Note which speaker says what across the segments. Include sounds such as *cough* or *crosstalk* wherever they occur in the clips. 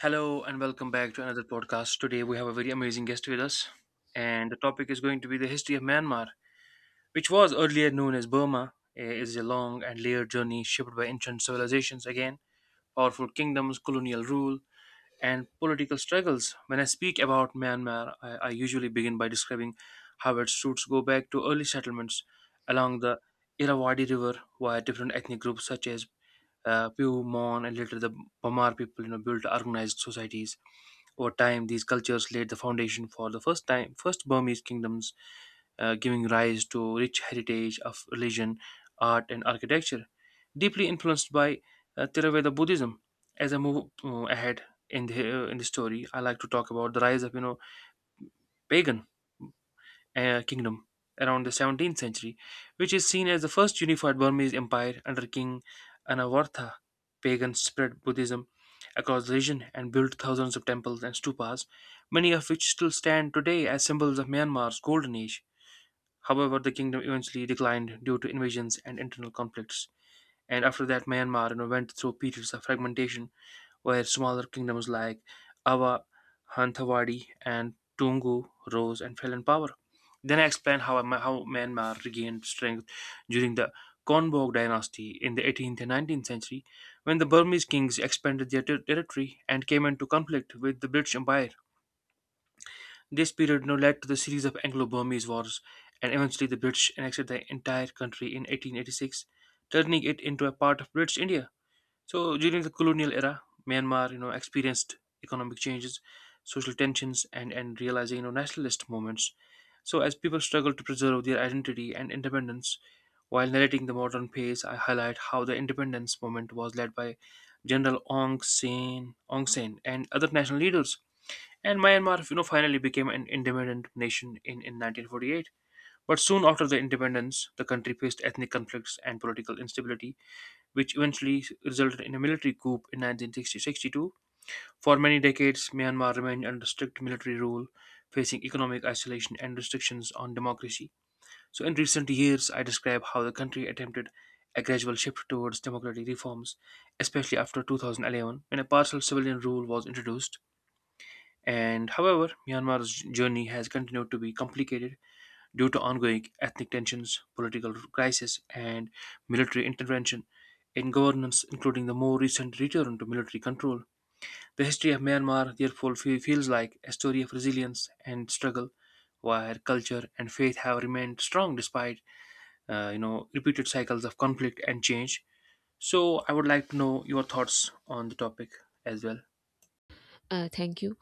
Speaker 1: Hello and welcome back to another podcast. Today we have a very amazing guest with us, and the topic is going to be the history of Myanmar, which was earlier known as Burma. It is a long and layered journey shaped by ancient civilizations again, powerful kingdoms, colonial rule, and political struggles. When I speak about Myanmar, I usually begin by describing how its roots go back to early settlements along the Irrawaddy River, where different ethnic groups such as Pew, Mon, and later the Pamar people, built organized societies. Over time, these cultures laid the foundation for the first Burmese kingdoms, giving rise to rich heritage of religion, art, and architecture, deeply influenced by Theravada Buddhism. As I move ahead in the in the story, I like to talk about the rise of pagan kingdom around the 17th century, which is seen as the first unified Burmese empire under King Anavartha. Pagans spread Buddhism across the region and built thousands of temples and stupas, many of which still stand today as symbols of Myanmar's golden age. However, the kingdom eventually declined due to invasions and internal conflicts. And after that, Myanmar, went through periods of fragmentation where smaller kingdoms like Awa, Hanthavadi, and Tungu rose and fell in power. Then I explain how Myanmar regained strength during the Konbog dynasty in the 18th and 19th century, when the Burmese kings expanded their territory and came into conflict with the British Empire. This period now led to the series of Anglo Burmese wars, and eventually the British annexed the entire country in 1886, turning it into a part of British India. So during the colonial era, Myanmar, experienced economic changes, social tensions, and realizing nationalist movements. So as people struggle to preserve their identity and independence, while narrating the modern pace, I highlight how the independence movement was led by General Aung San, and other national leaders. And Myanmar, finally became an independent nation in 1948. But soon after the independence, the country faced ethnic conflicts and political instability, which eventually resulted in a military coup in 1962. For many decades, Myanmar remained under strict military rule, facing economic isolation and restrictions on democracy. So, in recent years, I describe how the country attempted a gradual shift towards democratic reforms, especially after 2011, when a partial civilian rule was introduced. And however, Myanmar's journey has continued to be complicated due to ongoing ethnic tensions, political crisis, and military intervention in governance, including the more recent return to military control. The history of Myanmar therefore feels like a story of resilience and struggle, where culture and faith have remained strong despite repeated cycles of conflict and change. So, I would like to know your thoughts on the topic as well.
Speaker 2: Thank you.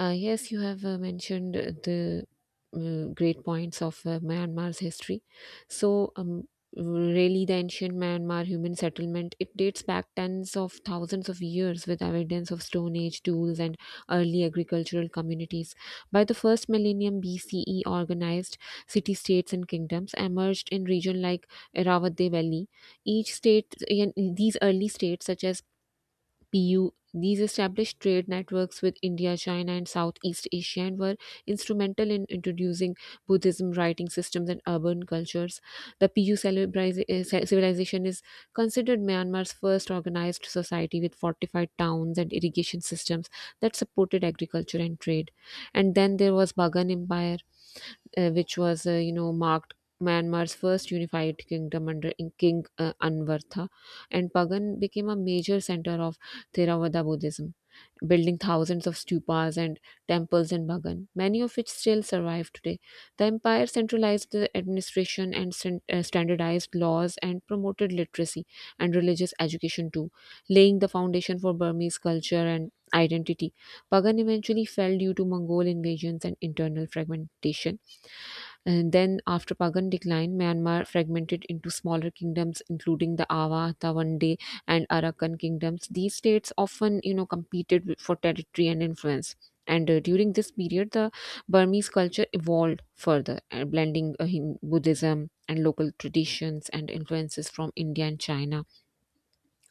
Speaker 2: Yes, you have mentioned the great points of Myanmar's history. So, um, really, the ancient Myanmar human settlement it dates back tens of thousands of years with evidence of Stone Age tools and early agricultural communities. By the first millennium BCE, organized city-states and kingdoms emerged in region like Irrawaddy Valley. Each state, in these early states such as PU. These established trade networks with India, China, and Southeast Asia and were instrumental in introducing Buddhism writing systems and urban cultures. The PU civilization is considered Myanmar's first organized society with fortified towns and irrigation systems that supported agriculture and trade. And then there was Bagan Empire, which was you know marked Myanmar's first unified kingdom under King Anvartha, and Pagan became a major center of Theravada Buddhism, building thousands of stupas and temples in Bagan, many of which still survive today. The empire centralized the administration and standardized laws and promoted literacy and religious education too, laying the foundation for Burmese culture and identity. Pagan eventually fell due to Mongol invasions and internal fragmentation, and then, after Pagan decline, Myanmar fragmented into smaller kingdoms, including the Awa, Tawande, and Arakan kingdoms. These states often, you know, for territory and influence. And during this period, the Burmese culture evolved further, blending Buddhism and local traditions and influences from India and China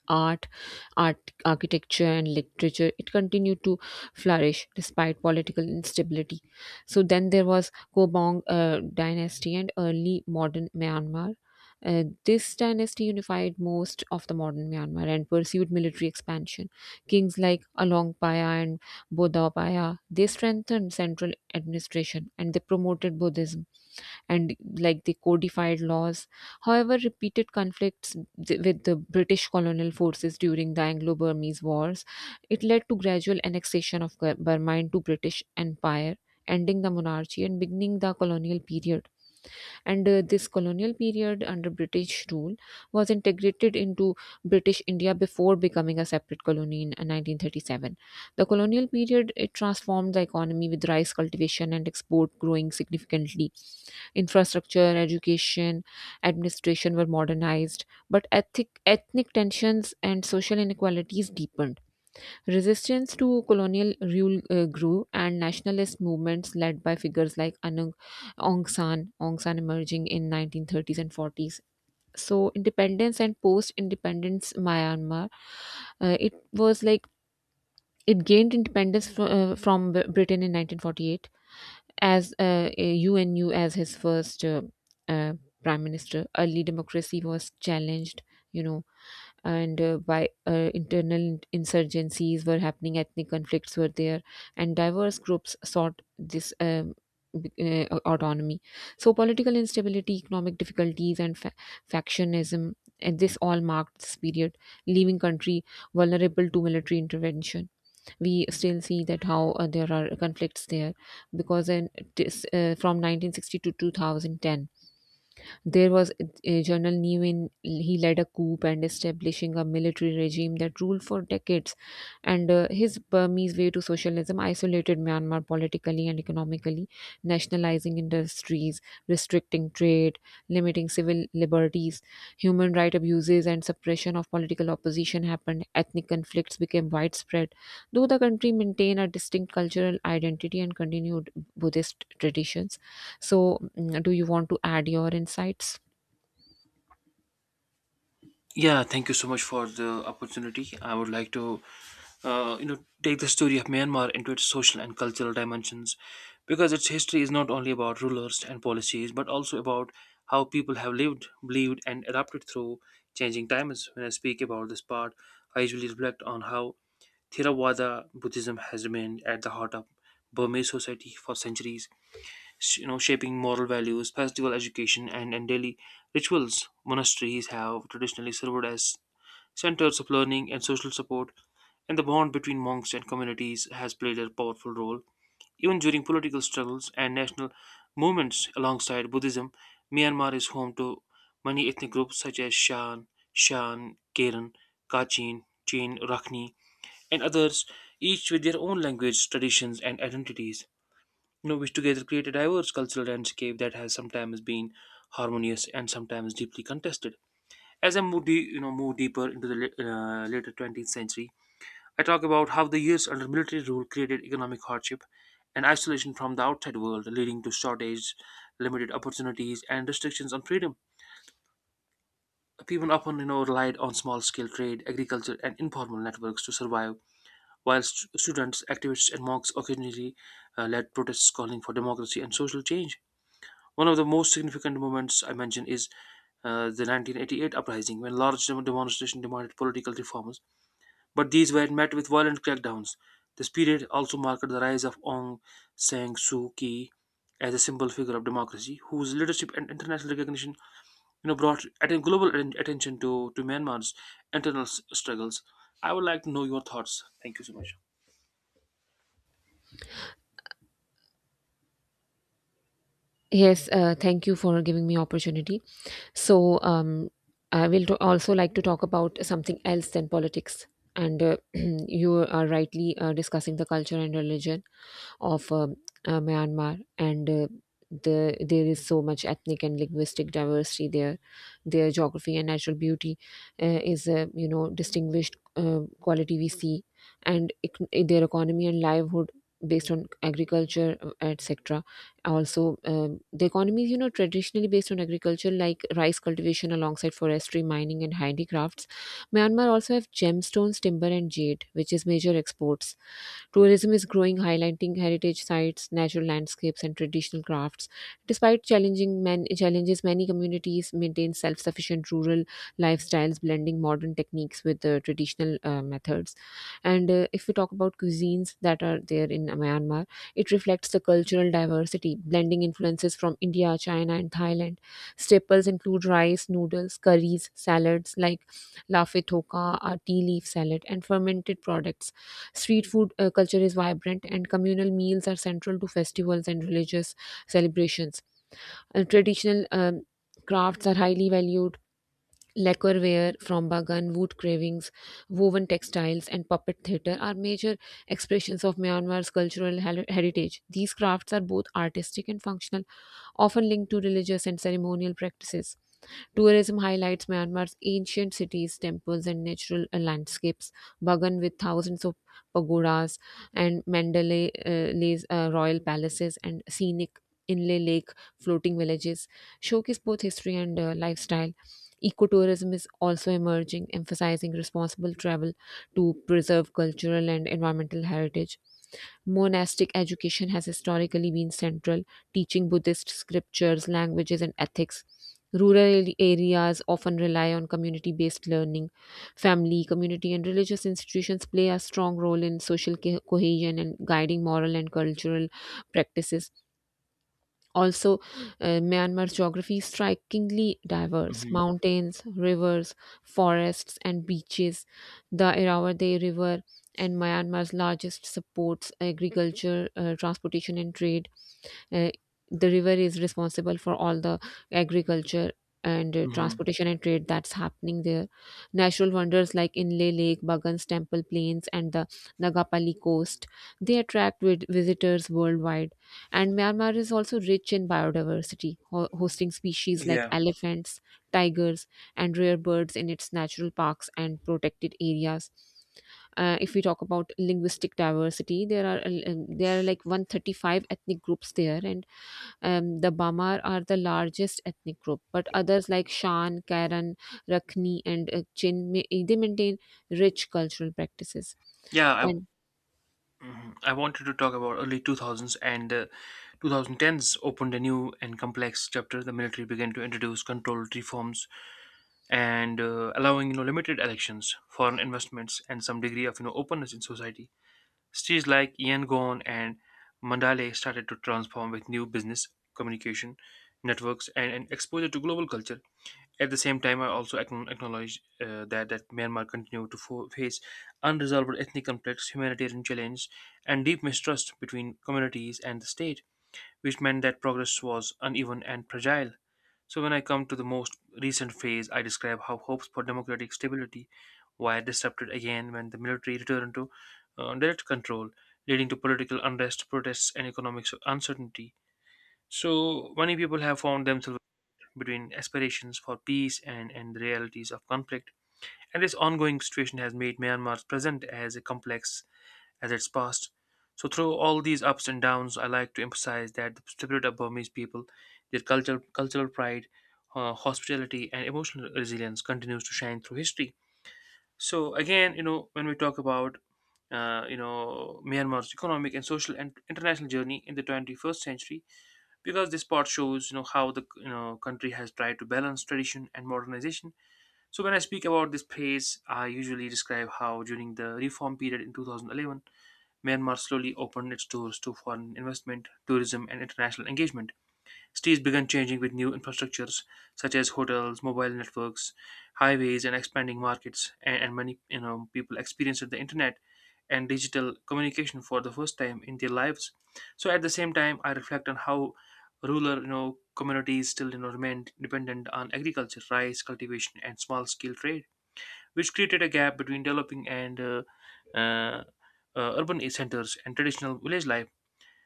Speaker 2: art, art, architecture, and literature. It continued to flourish despite political instability. So then there was Kobong dynasty and early modern Myanmar. This dynasty unified most of the modern Myanmar and pursued military expansion. Kings like Alongpaya and Bodhapaya they strengthened central administration and they promoted Buddhism and like they codified laws. However, repeated conflicts with the British colonial forces during the Anglo-Burmese Wars, it led to gradual annexation of Burma into British Empire, ending the monarchy and beginning the colonial period. And this colonial period under British rule was integrated into British India before becoming a separate colony in 1937. The colonial period it transformed the economy with rice cultivation and export growing significantly. Infrastructure, education, administration were modernized, but ethnic tensions and social inequalities deepened. Resistance to colonial rule grew, and nationalist movements led by figures like Aung San emerging in 1930s and 40s. So, independence and post-independence Myanmar, it was like it gained independence from Britain in 1948 as a UNU as his first uh, prime minister, early democracy was challenged, you know, and by internal insurgencies were happening, ethnic conflicts were there, and diverse groups sought this. B- Autonomy, so political instability economic difficulties and factionism and this all marked this period leaving country vulnerable to military intervention. We still see that how there are conflicts there because in this, from 1960 to 2010 there was General Nevin. He led a coup and establishing a military regime that ruled for decades. And his Burmese way to socialism isolated Myanmar politically and economically, nationalizing industries, restricting trade, limiting civil liberties, human right abuses, and suppression of political opposition happened. Ethnic conflicts became widespread, though the country maintained a distinct cultural identity and continued Buddhist traditions. So, do you want to add your insights?
Speaker 1: Yeah, thank you so much for the opportunity. I would like to, take the story of Myanmar into its social and cultural dimensions, because its history is not only about rulers and policies, but also about how people have lived, believed, and adapted through changing times. When I speak about this part, I usually reflect on how Theravada Buddhism has remained at the heart of Burmese society for centuries, shaping moral values, festival education, and daily rituals. Monasteries have traditionally served as centers of learning and social support, and the bond between monks and communities has played a powerful role even during political struggles and national movements. Alongside Buddhism, Myanmar is home to many ethnic groups such as Shan, Karen, Kachin, Chin, Rakhni, and others, each with their own language, traditions and identities, you know, which together create a diverse cultural landscape that has sometimes been harmonious and sometimes deeply contested. As I move, de- you know, move deeper into the later 20th century, I talk about how the years under military rule created economic hardship and isolation from the outside world, leading to shortage, limited opportunities, and restrictions on freedom. People often, you know, relied on small-scale trade, agriculture, and informal networks to survive, while students, activists, and monks occasionally led protests calling for democracy and social change. One of the most significant moments I mention is the 1988 uprising, when large demonstrations demanded political reforms, but these were met with violent crackdowns. This period also marked the rise of Aung San Suu Kyi as a symbol figure of democracy, whose leadership and international recognition, you know, brought global attention to Myanmar's internal struggles. I would like to know your thoughts. Thank you so much.
Speaker 2: Yes, thank you for giving me opportunity. So, um, I will also like to talk about something else than politics. And *clears throat* you are rightly discussing the culture and religion of Myanmar, and there is so much ethnic and linguistic diversity there. Their geography and natural beauty is a you know distinguished quality we see, and their economy and livelihood based on agriculture etc. Also, the economy is you know traditionally based on agriculture like rice cultivation alongside forestry mining and handicrafts. Myanmar also have gemstones timber and jade which is major exports. Tourism is growing, highlighting heritage sites, natural landscapes, and traditional crafts. Despite challenges, many communities maintain self-sufficient rural lifestyles, blending modern techniques with the traditional methods. And if we talk about cuisines that are there in Myanmar, it reflects the cultural diversity, blending influences from India, China, and Thailand. Staples include rice, noodles, curries, salads like lafe thoka, a tea leaf salad, and fermented products. Street food culture is vibrant, and communal meals are central to festivals and religious celebrations. Traditional crafts are highly valued. Lacquerware from Bagan, wood carvings, woven textiles, and puppet theatre are major expressions of Myanmar's heritage. These crafts are both artistic and functional, often linked to religious and ceremonial practices. Tourism highlights Myanmar's ancient cities, temples, and natural landscapes, Bagan with thousands of pagodas, and Mandalay royal palaces, and scenic inlay lake floating villages showcase both history and lifestyle. Ecotourism is also emerging, emphasizing responsible travel to preserve cultural and environmental heritage. Monastic education has historically been central, teaching Buddhist scriptures, languages, and ethics. Rural areas often rely on community based learning. Family, community, and religious institutions play a strong role in social cohesion and guiding moral and cultural practices. Also, Myanmar's geography is strikingly diverse
Speaker 1: Hmm.
Speaker 2: mountains, rivers, forests, and beaches. The Irrawaddy River and Myanmar's largest supports agriculture, transportation, and trade. Uh, the river is responsible for all the agriculture and
Speaker 1: Hmm.
Speaker 2: transportation and trade that's happening there. Natural wonders like Inle Lake, Bagans Temple Plains, and the Nagapali coast they attract visitors worldwide. And Myanmar is also rich in biodiversity, hosting species like
Speaker 1: Yeah,
Speaker 2: elephants, tigers, and rare birds in its natural parks and protected areas. If we talk about linguistic diversity, there are like 135 ethnic groups there, and the Bamar are the largest ethnic group. But others like Shan, Karen, Rakhni, and Chin may, they maintain rich cultural practices.
Speaker 1: yeah, I.
Speaker 2: And
Speaker 1: Mhm. I wanted to talk about early 2000s and 2010s opened a new and complex chapter. The military began to introduce controlled reforms and allowing, you know, limited elections, foreign investments, and some degree of, you know, openness in society. Cities like Yangon and Mandalay started to transform with new business, communication networks, and exposure to global culture. At the same time, I also acknowledge that Myanmar continue to face unresolved ethnic conflicts, humanitarian challenges, and deep mistrust between communities and the state, which meant that progress was uneven and fragile. So, when I come to the most recent phase, I describe how hopes for democratic stability were disrupted again when the military returned to direct control, leading to political unrest, protests, and economic uncertainty. So, many people have found themselves between aspirations for peace and the realities of conflict. And this ongoing situation has made Myanmar's present as a complex as its past. So through all these ups and downs, I like to emphasize that the spirit of Burmese people, their cultural pride, hospitality, and emotional resilience continues to shine through history. So again, you know, when we talk about Myanmar's economic and social and international journey in the 21st century, because this part shows, you know, how the, you know, country has tried to balance tradition and modernization. So when I speak about this phase, I usually describe how during the reform period in 2011, Myanmar slowly opened its doors to foreign investment, tourism and international engagement. Cities began changing with new infrastructures such as hotels, mobile networks, highways, and expanding markets. And many, you know, people experienced the internet and digital communication for the first time in their lives. So at the same time, I reflect on how rural, you know, communities still, you know, remain dependent on agriculture, rice cultivation, and small scale trade, which created a gap between developing and uh, urban centers and traditional village life.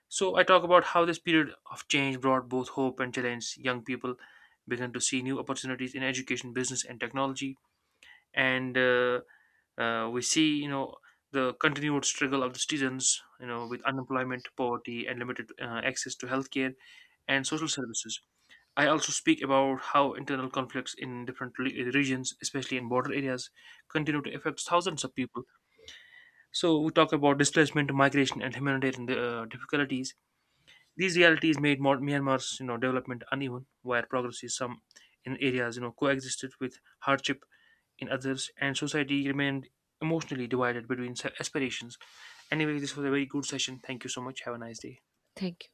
Speaker 1: So I talk about how this period of change brought both hope and challenge. Young people began to see new opportunities in education, business, and technology, and we see, you know, the continued struggle of the citizens, you know, with unemployment, poverty, and limited access to healthcare and social services. I also speak about how internal conflicts in different regions, especially in border areas, continue to affect thousands of people. So we talk about displacement, migration, and humanitarian difficulties. These realities made Myanmar's, you know, development uneven, where progress is some in areas, you know, coexisted with hardship in others, and society remained emotionally divided between aspirations. Anyway, this was a very good session. Thank you so much. Have a nice day.
Speaker 2: thank you.